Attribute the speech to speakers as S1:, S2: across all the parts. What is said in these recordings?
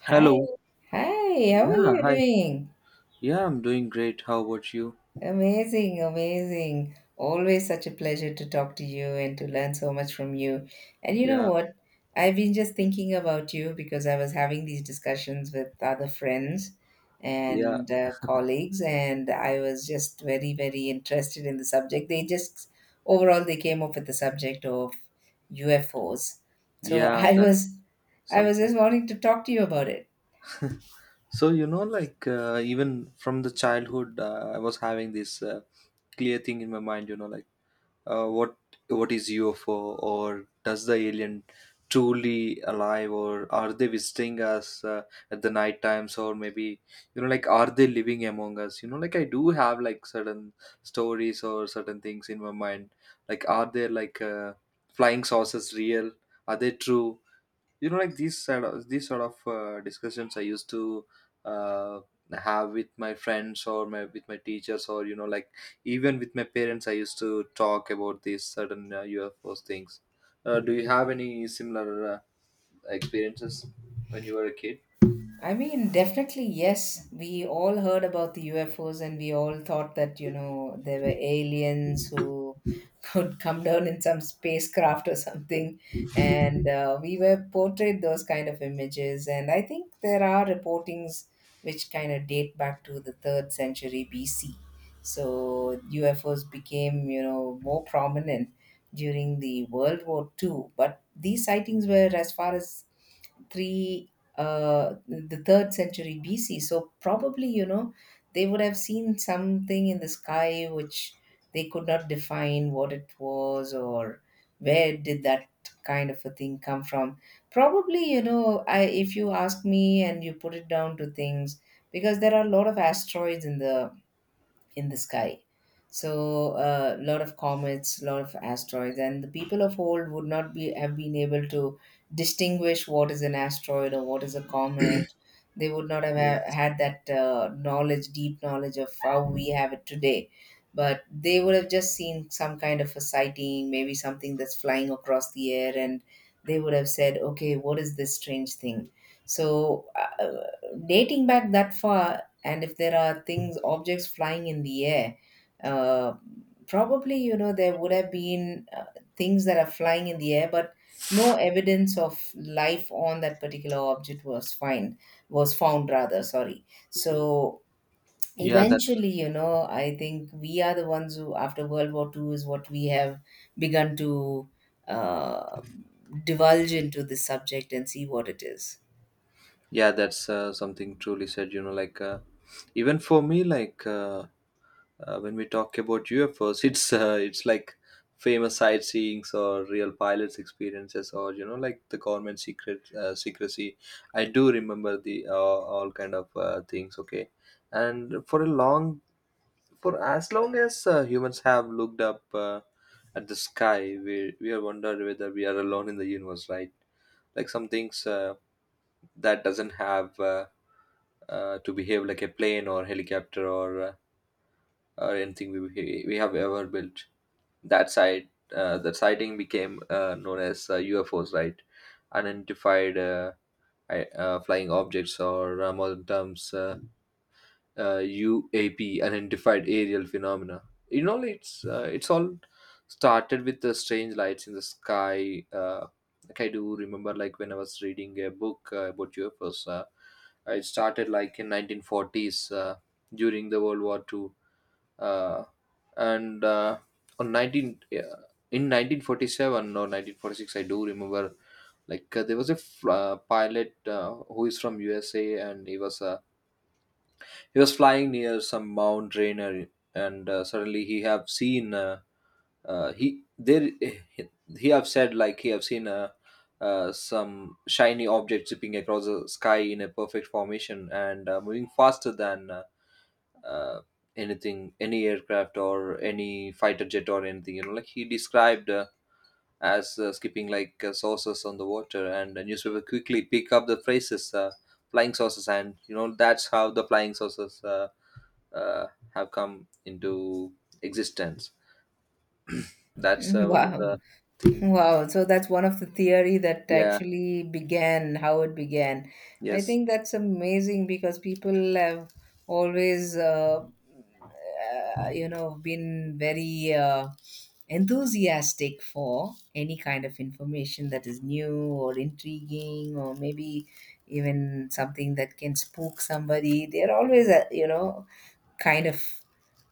S1: Hi,
S2: Hello.
S1: hi, how are
S2: Yeah,
S1: you
S2: hi.
S1: doing?
S2: Yeah, I'm doing great. How about you?
S1: Amazing, amazing. Always such a pleasure to talk to you and to learn so much from you. And you know
S2: Yeah,
S1: what? I've been just thinking about you because I was having these discussions with other friends
S2: yeah,
S1: and colleagues, and I was just very, very interested in the subject. They just overall they came up with the subject of UFOs. So
S2: yeah,
S1: I
S2: that's
S1: was I was just
S2: something.
S1: wanting to talk to you about it.
S2: So even from the childhood, I was having this clear thing in my mind, like what is UFO, or does the alien truly alive, or are they visiting us at the night times, or maybe you know, like, are they living among us? I do have like certain stories or certain things in my mind, like, are there like flying saucers real? Are they true? You know, like, these sort of discussions I used to uh, have with my friends, or my with my teachers, or you know, like, even with my parents, I used to talk about these certain UFOs things. Do you have any similar experiences when you were a kid?
S1: I mean, definitely, yes. We all heard about the UFOs, and we all thought that, there were aliens who could come down in some spacecraft or something. And we were portrayed those kind of images. And I think there are reportings which kind of date back to the third century BC. So UFOs became more prominent during the World War II, but these sightings were as far as three the third century BC. So probably, they would have seen something in the sky which they could not define what it was or where did that kind of a thing come from. Probably, you know, I if you ask me, and you put it down to things because there are a lot of asteroids in the sky. So a lot of comets, a lot of asteroids, and the people of old would not be have been able to distinguish what is an asteroid or what is a comet. They would not have ha-
S2: Yes.
S1: had that knowledge, deep knowledge of how we have it today. But they would have just seen some kind of a sighting, maybe something that's flying across the air, and they would have said, "Okay, what is this strange thing?" So, uh, uh, dating back that far, and if there are things objects flying in the air, uh, probably there would have been things that are flying in the air, but no evidence of life on that particular object was find was found, rather, sorry. so
S2: yeah that's
S1: eventually you know i think we are the ones who, after World War II, is what we have begun to uh, divulge into this subject and see what it is.
S2: yeah, that's something truly said, you know, like, even for me, like, when we talk about UFOs, it's like famous sightseeings, or real pilots' experiences, or you know, like, the government secret secrecy. I do remember the all kind of things. Okay, and for as long as humans have looked up at the sky, we have wondered whether we are alone in the universe, right? Like, some things that doesn't have to behave like a plane, or helicopter, or anything we have ever built. That site, that sighting became known as UFOs, right? Unidentified flying objects, or modern terms, UAP, unidentified aerial phenomena. You know, it's all started with the strange lights in the sky. Like, I do remember, like, when I was reading a book about UFOs. It started like in 1940s during the World War Two, uh, and on 19, yeah, in 1947 or 1946, I do remember, like, there was a pilot who is from USA, and he was flying near some Mount Rainier, and suddenly he have seen he there he have said, like, he have seen some shiny object zipping across the sky in a perfect formation and moving faster than uh, anything, any aircraft or any fighter jet or anything, you know, like, he described as skipping like saucers on the water, and the newspaper quickly pick up the phrases flying saucers, and you know, that's how the flying saucers uh, have come into existence. That's one of
S1: wow
S2: the thing.
S1: Wow, so that's one of the theory that
S2: Yeah.
S1: actually began how it began. I
S2: Yes.
S1: think that's amazing because people have always, been very enthusiastic for any kind of information that is new or intriguing or maybe even something that can spook somebody. They're always, kind of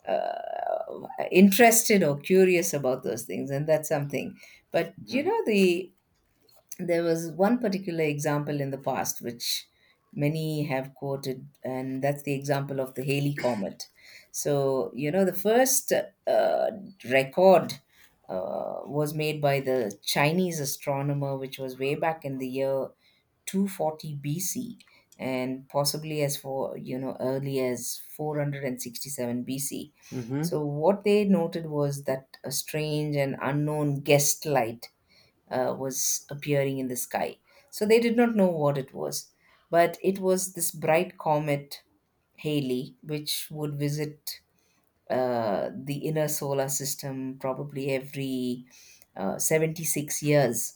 S1: uh, interested or curious about those things, and that's something. But
S2: Hmm.
S1: there was one particular example in the past which many have quoted, and that's the example of the Halley comet. So the first uh, record was made by the Chinese astronomer, which was way back in the year 240 BC, and possibly as for early as 467 BC.
S2: Hmm.
S1: So what they noted was that a strange and unknown guest light was appearing in the sky. So they did not know what it was, but it was this bright comet Halley, which would visit the inner solar system probably every 76 years.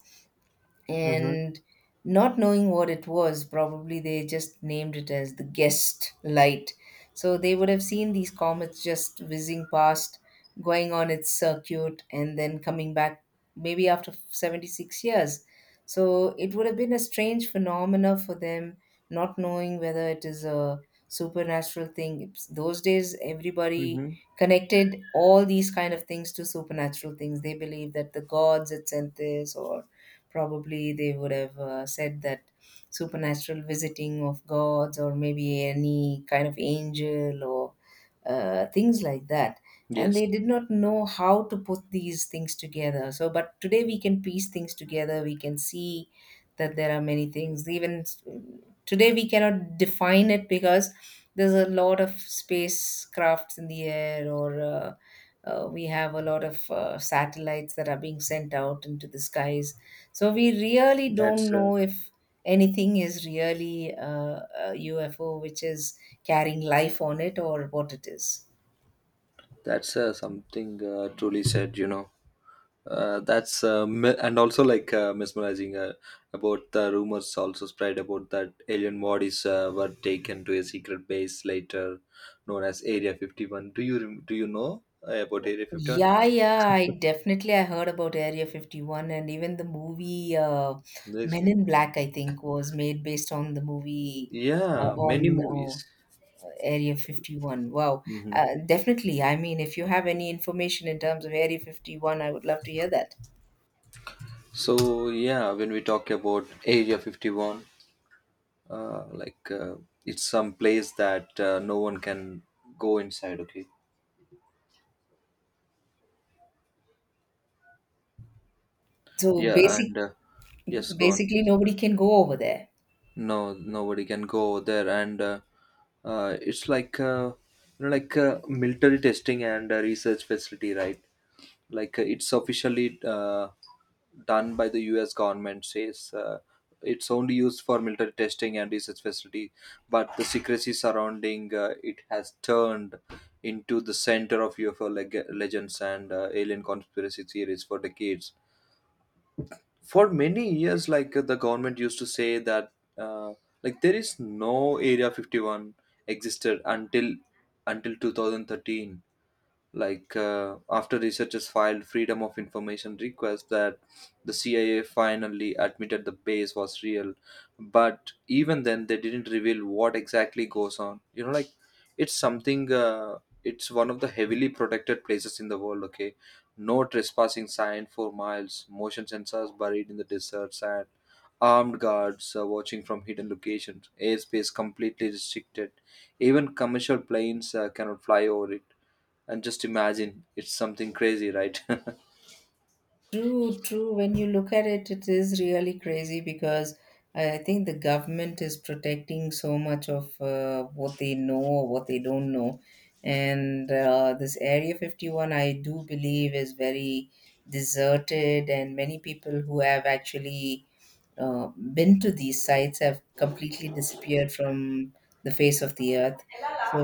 S2: Hmm.
S1: And not knowing what it was, probably they just named it as the guest light. So they would have seen these comets just whizzing past, going on its circuit, and then coming back maybe after 76 years. So it would have been a strange phenomena for them, not knowing whether it is a supernatural thing. Those days, everybody
S2: Hmm.
S1: connected all these kind of things to supernatural things. They believed that the gods had sent this, or probably they would have said that supernatural visiting of gods, or maybe any kind of angel or things like that. And
S2: Yes.
S1: they did not know how to put these things together. So, but today, we can piece things together. We can see that there are many things, even today we cannot define it, because there's a lot of spacecrafts in the air, or we have a lot of satellites that are being sent out into the skies. So we really don't
S2: that's uh,
S1: know if anything is really a UFO which is carrying life on it or what it is.
S2: that's something truly said, you know. That's and also like, mesmerizing about the rumors also spread about that alien bodies were taken to a secret base later known as Area 51. Do you know about Area 51?
S1: Yeah, yeah, I definitely I heard about Area 51, and even the movie
S2: There's
S1: Men
S2: like,
S1: in Black, I think, was made based on the movie uh,
S2: yeah, many
S1: on uh,
S2: movies.
S1: Area 51. Wow.
S2: Hmm.
S1: Definitely. I mean, if you have any information in terms of Area 51, I would love to hear that.
S2: So yeah, when we talk about Area 51, uh, like uh, it's some place that no one can go inside. Okay,
S1: So
S2: yeah,
S1: basic
S2: and yes, go on,
S1: basically
S2: please.
S1: nobody can go over there.
S2: No, nobody can go over there, and it's like, you know, like, military testing and research facility, right? Like, it's officially done by the US government, says it's only used for military testing and research facility, but the secrecy surrounding it has turned into the center of UFO legends and alien conspiracy theories for decades. For many years, like, the government used to say that uh, like, there is no Area 51 existed until 2013, like, after researchers filed freedom of information requests that the CIA finally admitted the base was real. But even then, they didn't reveal what exactly goes on, you know. Like, it's something uh, it's one of the heavily protected places in the world. Okay, no trespassing sign for miles, motion sensors buried in the deserts, and armed guards watching from hidden locations, airspace completely restricted, even commercial planes cannot fly over it. And just imagine, it's something crazy, right?
S1: True, true. When you look at it, it is really crazy because I think the government is protecting so much of what they know or what they don't know. And this Area 51, I do believe, is very deserted, and many people who have actually uh, been to these sites have completely disappeared from the face of the earth. So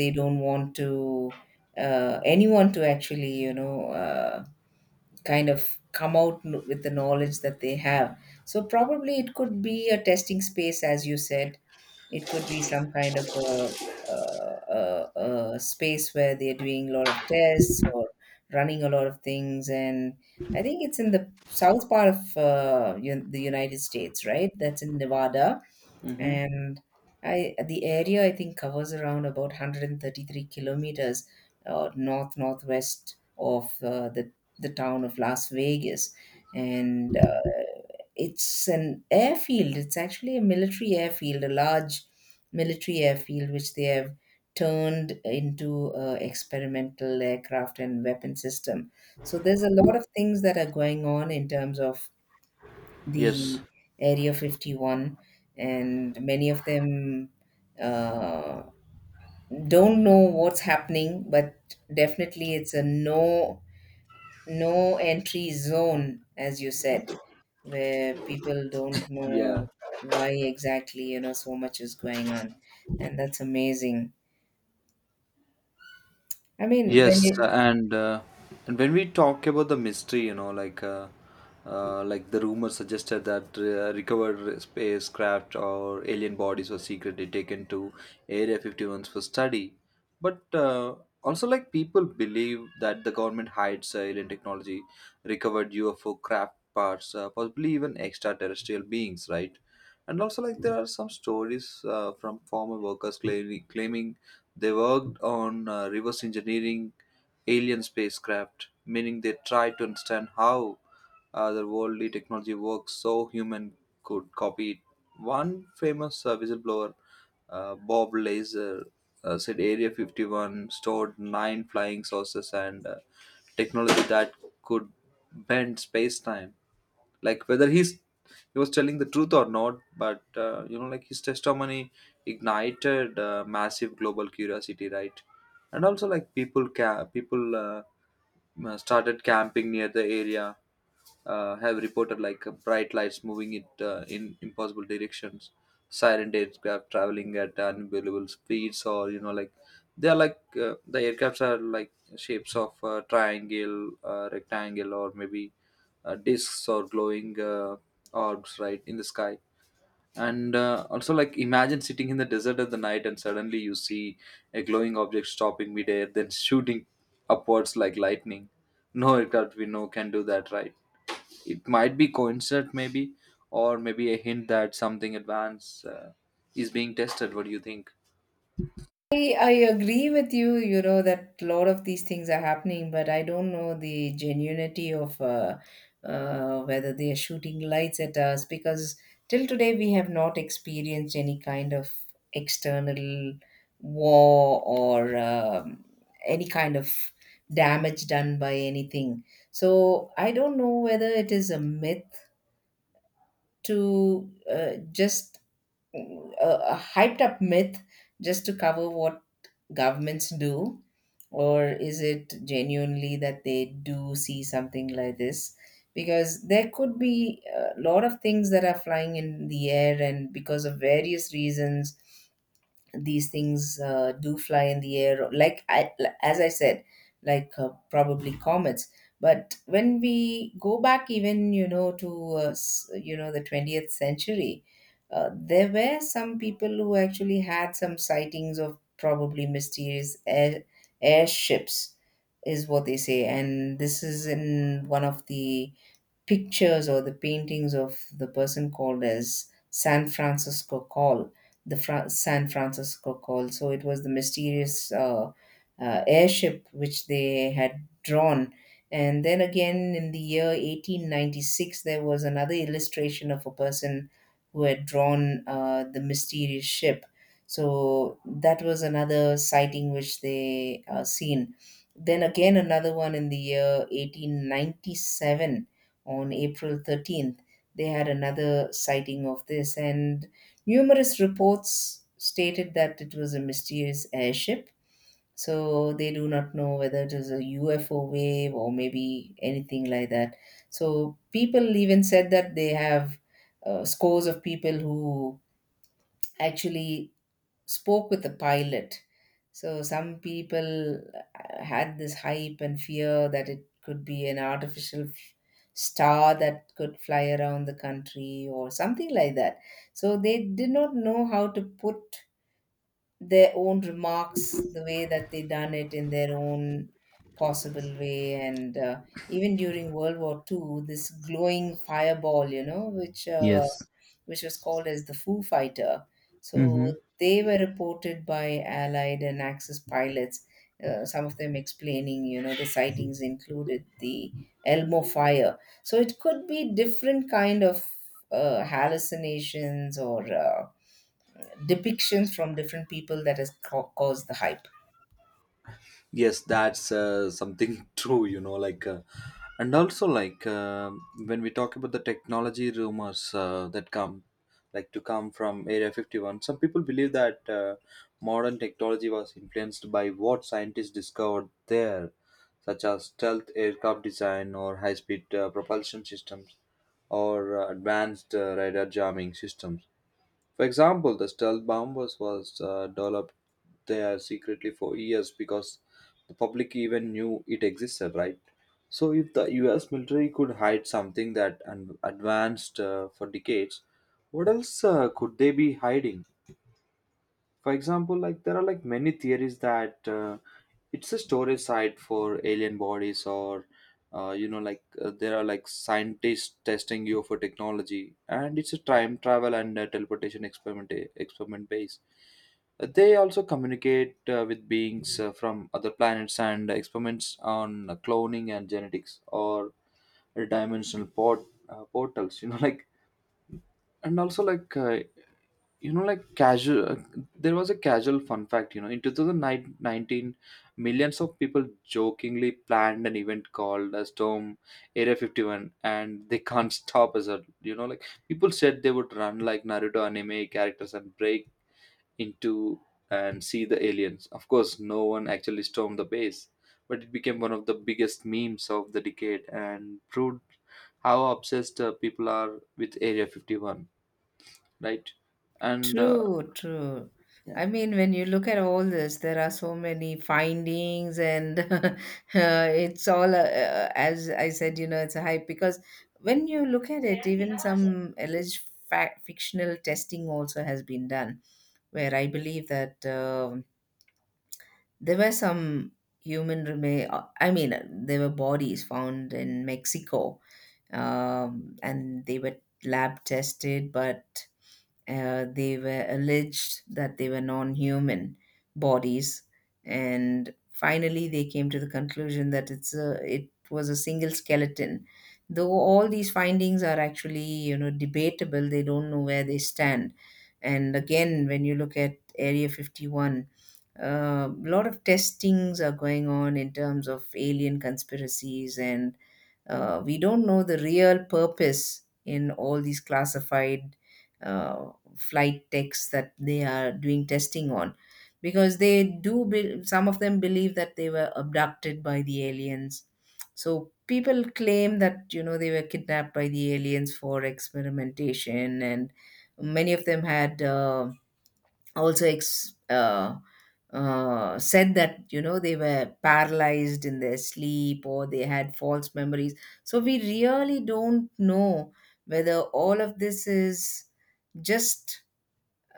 S1: they don't want to anyone to actually kind of come out with the knowledge that they have. So probably it could be a testing space, as you said. It could be some kind of a, a, a space where they're doing a lot of tests or running a lot of things. And I think it's in the south part of the United States, right? That's in Nevada.
S2: Hmm.
S1: And I the area, I think, covers around about 133 kilometers northwest of the town of Las Vegas. And it's an airfield. It's actually a military airfield, a large military airfield, which they have turned into a experimental aircraft and weapon system. So there's a lot of things that are going on in terms of
S2: Yes.
S1: the Area 51, and many of them uh, don't know what's happening, but definitely it's a no entry zone, as you said, where people don't
S2: Yeah.
S1: know why exactly, so much is going on. And that's amazing. I mean, when
S2: Yes,
S1: you
S2: and when we talk about the mystery, you know, like, like the rumor suggested that recovered spacecraft or alien bodies were secretly taken to Area 51 for study. But also, like, people believe that the government hides alien technology, recovered UFO craft parts, possibly even extraterrestrial beings, right? And also, like, there are some stories from former workers claiming they worked on reverse engineering alien spacecraft, meaning they tried to understand how the worldly technology works, so human could copy it. One famous whistleblower, Bob Lazar, said Area 51 stored nine flying saucers and technology that could bend space time. Like, whether he was telling the truth or not, but you know, like, his testimony ignited massive global curiosity, right? And also, people started camping near the area. Have reported like bright lights moving it in impossible directions, silent aircraft traveling at unbelievable speeds, or you know, like, they are like, the aircrafts are like shapes of triangle, rectangle, or maybe discs, or glowing orbs right in the sky. And also, like, imagine sitting in the desert at the night, and suddenly you see a glowing object stopping midair, then shooting upwards like lightning. No aircraft we know can do that, right? It might be coincidence, maybe, or maybe a hint that something advanced is being tested. What do you think?
S1: I, I agree with you, you know, that a lot of these things are happening, but I don't know the genuinity of whether they are shooting lights at us, because till today we have not experienced any kind of external war or any kind of damage done by anything. So I don't know whether it is a myth, to just a hyped up myth just to cover what governments do, or is it genuinely that they do see something like this. Because there could be a lot of things that are flying in the air, and because of various reasons these things do fly in the air, like I, as I said, like probably comets. But when we go back even to the 20th century, there were some people who actually had some sightings of probably mysterious airships, is what they say. And this is in one of the pictures or the paintings of the person called as San Francisco Call. So it was the mysterious airship which they had drawn. And then again in the year 1896, there was another illustration of a person who had drawn the mysterious ship. So that was another sighting which they seen. Then again, another one in the year 1897 on April 13th, they had another sighting of this, and numerous reports stated that it was a mysterious airship. So they do not know whether it was a UFO wave or maybe anything like that. So people even said that they have scores of people who actually spoke with the pilot. So some people had this hype and fear that it could be an artificial star that could fly around the country or something like that. So they did not know how to put their own remarks the way that they done it in their own possible way. And even during World War II, this glowing fireball, which
S2: Yes.
S1: was called as the Foo Fighter. So
S2: Mm-hmm.
S1: they were reported by Allied and Axis pilots. Some of them explaining, the sightings included the Elmo fire. So it could be different kind of hallucinations or depictions from different people that has caused the hype.
S2: Yes, that's something true, you know, like, and also, like, when we talk about the technology rumors that come like to come from Area 51, some people believe that modern technology was influenced by what scientists discovered there, such as stealth aircraft design, or high speed propulsion systems, or advanced radar jamming systems. For example, the stealth bombers was developed there secretly for years because the public even knew it existed, right? So if the U.S. military could hide something that advanced for decades, what else could they be hiding? For example, like, there are like many theories that it's a storage site for alien bodies, or you know, like, there are like scientists testing you for technology, and it's a time travel and teleportation experiment base. They also communicate with beings from other planets, and experiments on cloning and genetics, or dimensional portals. You know, like, and also like you know like casual there was a casual fun fact, you know, in 2019, millions of people jokingly planned an event called a Storm Area 51, and they can't stop us you know, like, people said they would run like Naruto anime characters and break into and see the aliens. Of course, no one actually stormed the base, but it became one of the biggest memes of the decade and proved how obsessed people are with Area 51, right? And
S1: True, true.
S2: yeah.
S1: I mean, when you look at all this, there are so many findings, and it's all, as I said, it's a hype. Because when you look at it, even some alleged fictional testing also has been done, where I believe that there were some human remain. I mean, there were bodies found in Mexico, and they were lab tested, but they were alleged that they were non human bodies. And finally, they came to the conclusion that it was a single skeleton. Though all these findings are actually, you know, debatable. They don't know where they stand. And again, when you look at Area 51, a lot of testings are going on in terms of alien conspiracies, and we don't know the real purpose in all these classified flight texts that they are doing testing on, because some of them believe that they were abducted by the aliens. So people claim that, you know, they were kidnapped by the aliens for experimentation, and many of them had also ex- uh, said that, you know, they were paralyzed in their sleep or they had false memories. So we really don't know whether all of this is just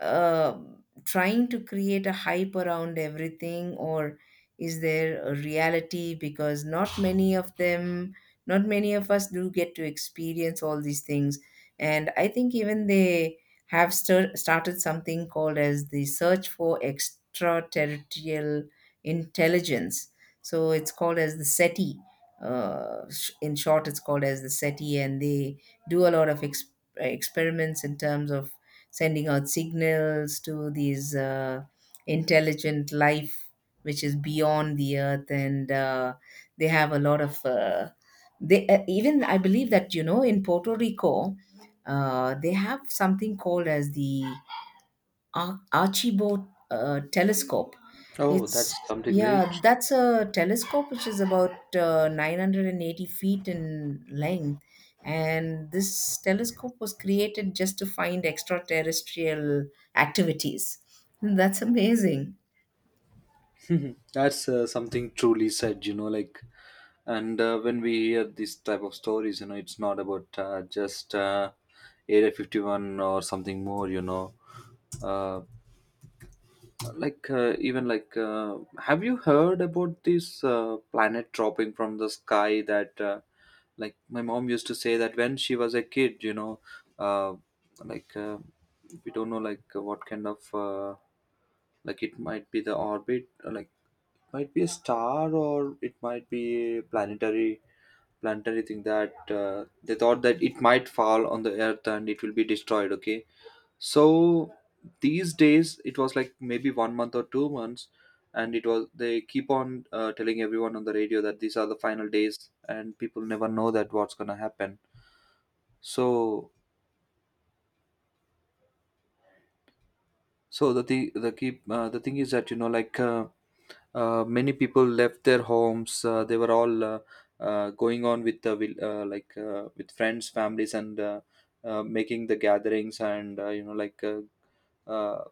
S1: trying to create a hype around everything, or is there a reality, because not many of us do get to experience all these things. And I think even they have stir started something called as the search for extraterrestrial intelligence. So it's called as the SETI. In short, it's called as the SETI, and they do a lot of experiments in terms of sending out signals to these intelligent life which is beyond the earth. And they have a lot of they even I believe that, you know, in Puerto Rico they have something called as the Archibald telescope.
S2: Oh,
S1: It's
S2: that's something great.
S1: yeah, that's a telescope which is about 980 feet in length, and this telescope was created just to find extraterrestrial activities. That's amazing.
S2: That's something truly said, you know, like, and when we hear these type of stories, you know, it's not about just Area 51 or something more, you know. Uh, like, even like, have you heard about this planet dropping from the sky that, like, my mom used to say that when she was a kid, you know, uh, like, we don't know, like, what kind of, like, it might be the orbit, like, might be a star, or it might be a planetary thing that they thought that it might fall on the earth and it will be destroyed. Okay, so these days it was like maybe 1 month or 2 months, and it was they keep on telling everyone on the radio that these are the final days, and people never know that what's gonna happen. So, so the thing the thing is that you know, like, many people left their homes, they were all going on like, with friends, families, and making the gatherings, and you know, like, uh,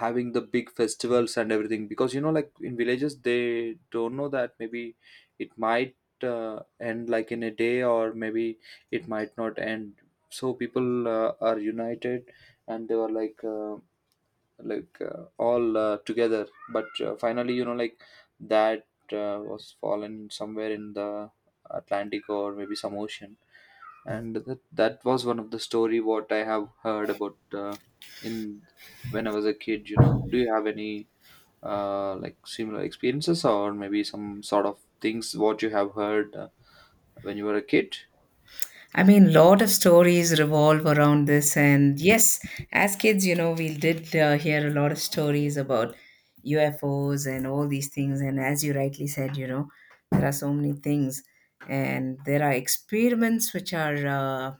S2: having the big festivals and everything, because you know, like, in villages, they don't know that maybe it might end like in a day, or maybe it might not end. So people are united, and they were like, all together, but finally, you know, like, that was fallen somewhere in the Atlantic, or maybe some ocean. And that was one of the story what I have heard about in when I was a kid, you know. Do you have any like similar experiences, or maybe some sort of things what you have heard when you were a kid?
S1: I mean, lot of stories revolve around this, and yes, as kids, you know, we did hear a lot of stories about UFOs and all these things. And as you rightly said, you know, there are so many things, and there are experiments which are uh,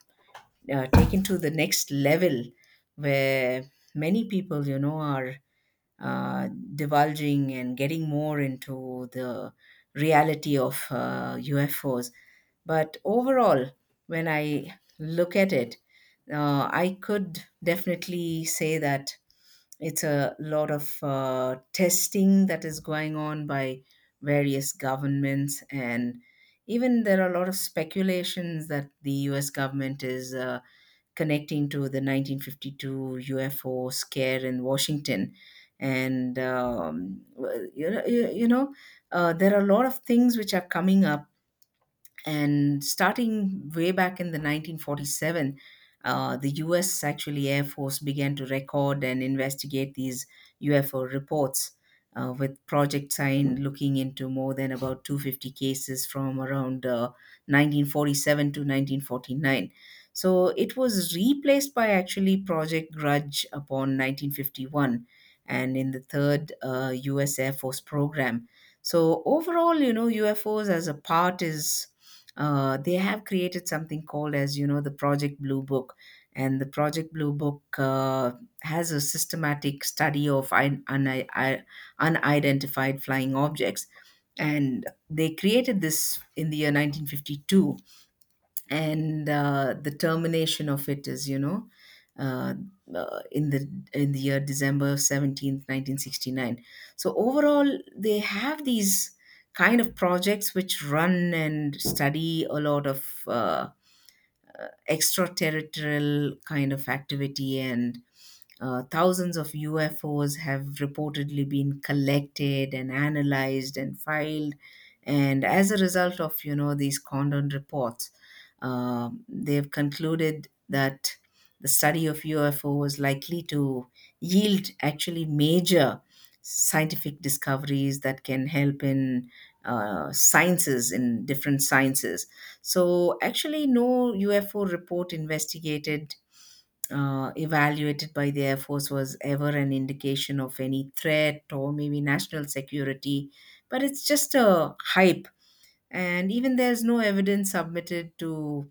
S1: uh, taken to the next level, where many people, you know, are divulging and getting more into the reality of UFOs. But overall, when I look at it, I could definitely say that it's a lot of testing that is going on by various governments. And even there are a lot of speculations that the US government is connecting to the 1952 UFO scare in Washington. And, well, there are a lot of things which are coming up, and starting way back in the 1947, the US actually Air Force began to record and investigate these UFO reports, with Project Sign looking into more than about 250 cases from around 1947 to 1949. So it was replaced by actually Project Grudge upon 1951 and in the third US Air Force program. So overall, you know, UFOs as a part is they have created something called as, you know, the Project Blue Book. And the Project Blue Book has a systematic study of unidentified flying objects, and they created this in the year 1952. And the termination of it is, you know, uh, in the year December 17, 1969. So overall, they have these kind of projects which run and study a lot of extraterrestrial kind of activity. And thousands of UFOs have reportedly been collected and analyzed and filed. And as a result of, you know, these Condon reports, they've concluded that the study of UFO was likely to yield actually major scientific discoveries that can help in sciences, in different sciences. So, actually, no UFO report investigated, evaluated by the Air Force was ever an indication of any threat or maybe national security, but it's just a hype. And even there's no evidence submitted to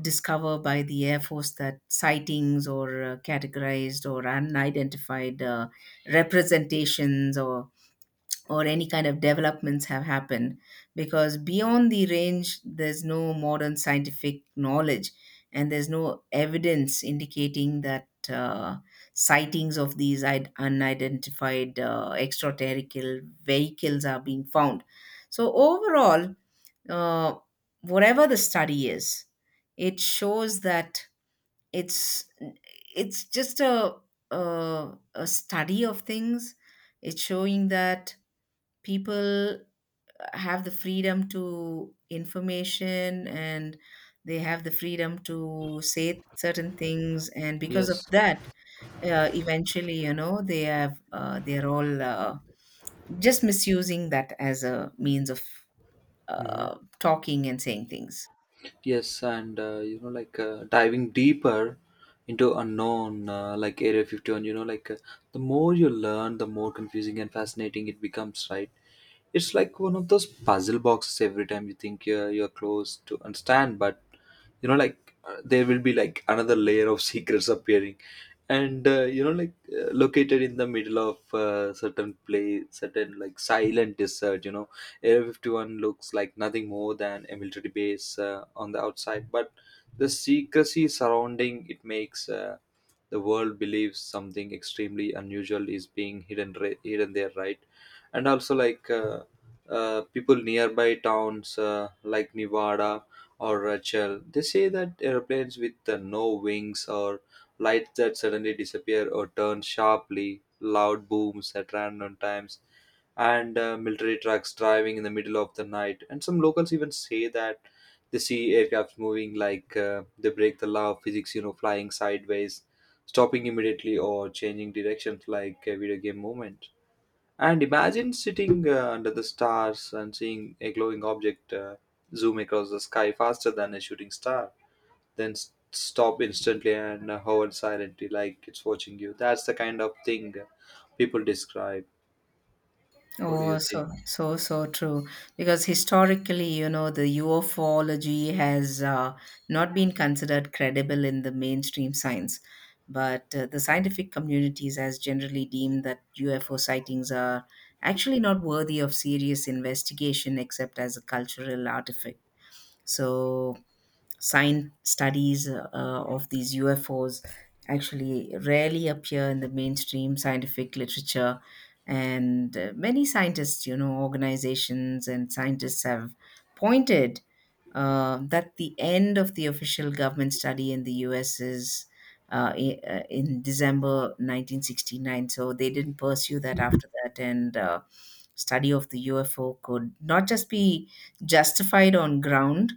S1: discover by the Air Force that sightings or categorized or unidentified representations or any kind of developments have happened, because beyond the range there's no modern scientific knowledge, and there's no evidence indicating that sightings of these unidentified extraterritorial vehicles are being found. So overall, uh, whatever the study is, it shows that it's it's just a, a study of things. It's showing that people have the freedom to information, and they have the freedom to say certain things, and because of
S2: Yes.
S1: that, eventually, you know, they're all just misusing that as a means of
S2: Hmm.
S1: uh, talking and saying things.
S2: Yes, and you know, like, diving deeper into unknown, like Area 51, you know, like, the more you learn, the more confusing and fascinating it becomes, right? It's like one of those puzzle boxes every time you think you're close to understand, but you know, like, there will be like another layer of secrets appearing. And you know, like, located in the middle of certain place, certain like silent desert, you know, everyone looks like nothing more than a military base on the outside, but the secrecy surrounding it makes the world believes something extremely unusual is being hidden there, right? And also like people nearby towns, like Nevada or Rachel, they say that airplanes with no wings, or lights that suddenly disappear or turn sharply, loud booms at random times, and military trucks driving in the middle of the night. And some locals even say that they see aircrafts moving like, they break the law of physics, you know, flying sideways, stopping immediately, or changing directions like a video game movement. And imagine sitting under the stars and seeing a glowing object zoom across the sky faster than a shooting star, then stop instantly, and hover silently like it's watching you. That's the kind of thing people describe. What do
S1: Oh,
S2: you think?
S1: so so so true. Because historically, you know, the ufology has not been considered credible in the mainstream science, but the scientific communities has generally deemed that UFO sightings are actually not worthy of serious investigation except as a cultural artifact. So science studies of these UFOs actually rarely appear in the mainstream scientific literature. And many scientists, you know, organizations and scientists have pointed that the end of the official government study in the US is in December 1969. So they didn't pursue that after that. And study of the UFO could not just be justified on ground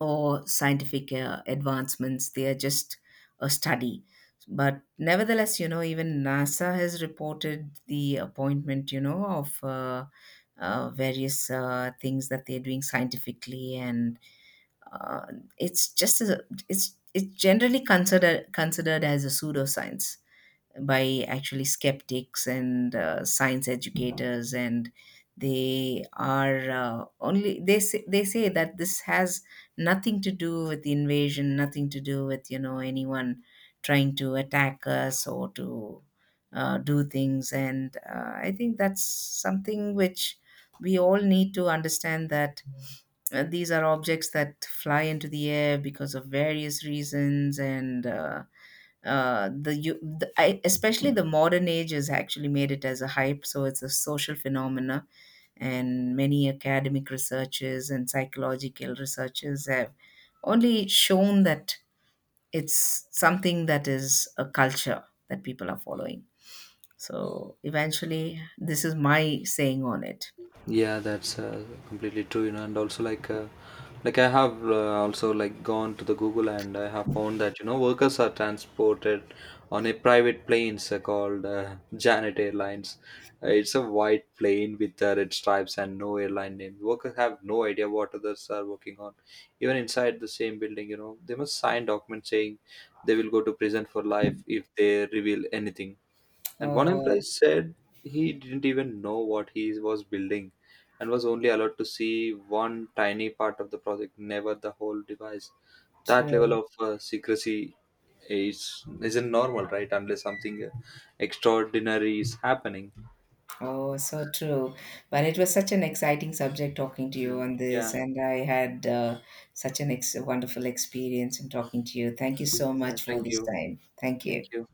S1: or scientific advancements. They are just a study. But nevertheless, you know, even NASA has reported the appointment, you know, of various things that they're doing scientifically. And uh, it's just a, it's generally considered as a pseudoscience by actually skeptics and science educators. And they are only they say that this has nothing to do with the invasion, nothing to do with, you know, anyone trying to attack us or to do things. And I think that's something which we all need to understand, that these are objects that fly into the air because of various reasons. And the, you, the I, especially the modern age has actually made it as a hype, so it's a social phenomena. And many academic researchers and psychological researchers have only shown that it's something that is a culture that people are following. So eventually, this is my saying on it.
S2: Yeah, that's completely true, you know, and also, like, like, I have also like gone to the Google, and I have found that you know workers are transported on a private planes called Janet Airlines. It's a white plane with red stripes and no airline name. Workers have no idea what others are working on. Even inside the same building, you know, they must sign documents saying they will go to prison for life if they reveal anything. And one employee
S1: Oh,
S2: said he didn't even know what he was building, and was only allowed to see one tiny part of the project, never the whole device. That level
S1: true.
S2: of secrecy is isn't normal, right? Unless something extraordinary is happening.
S1: Oh, so true. Well, it was such an exciting subject talking to you
S2: And
S1: on
S2: yeah,
S1: this, and I had such an wonderful experience in talking to you. Thank you so
S2: yeah,
S1: much for
S2: thank
S1: this
S2: you.
S1: time. Thank
S2: Thank
S1: you.
S2: you.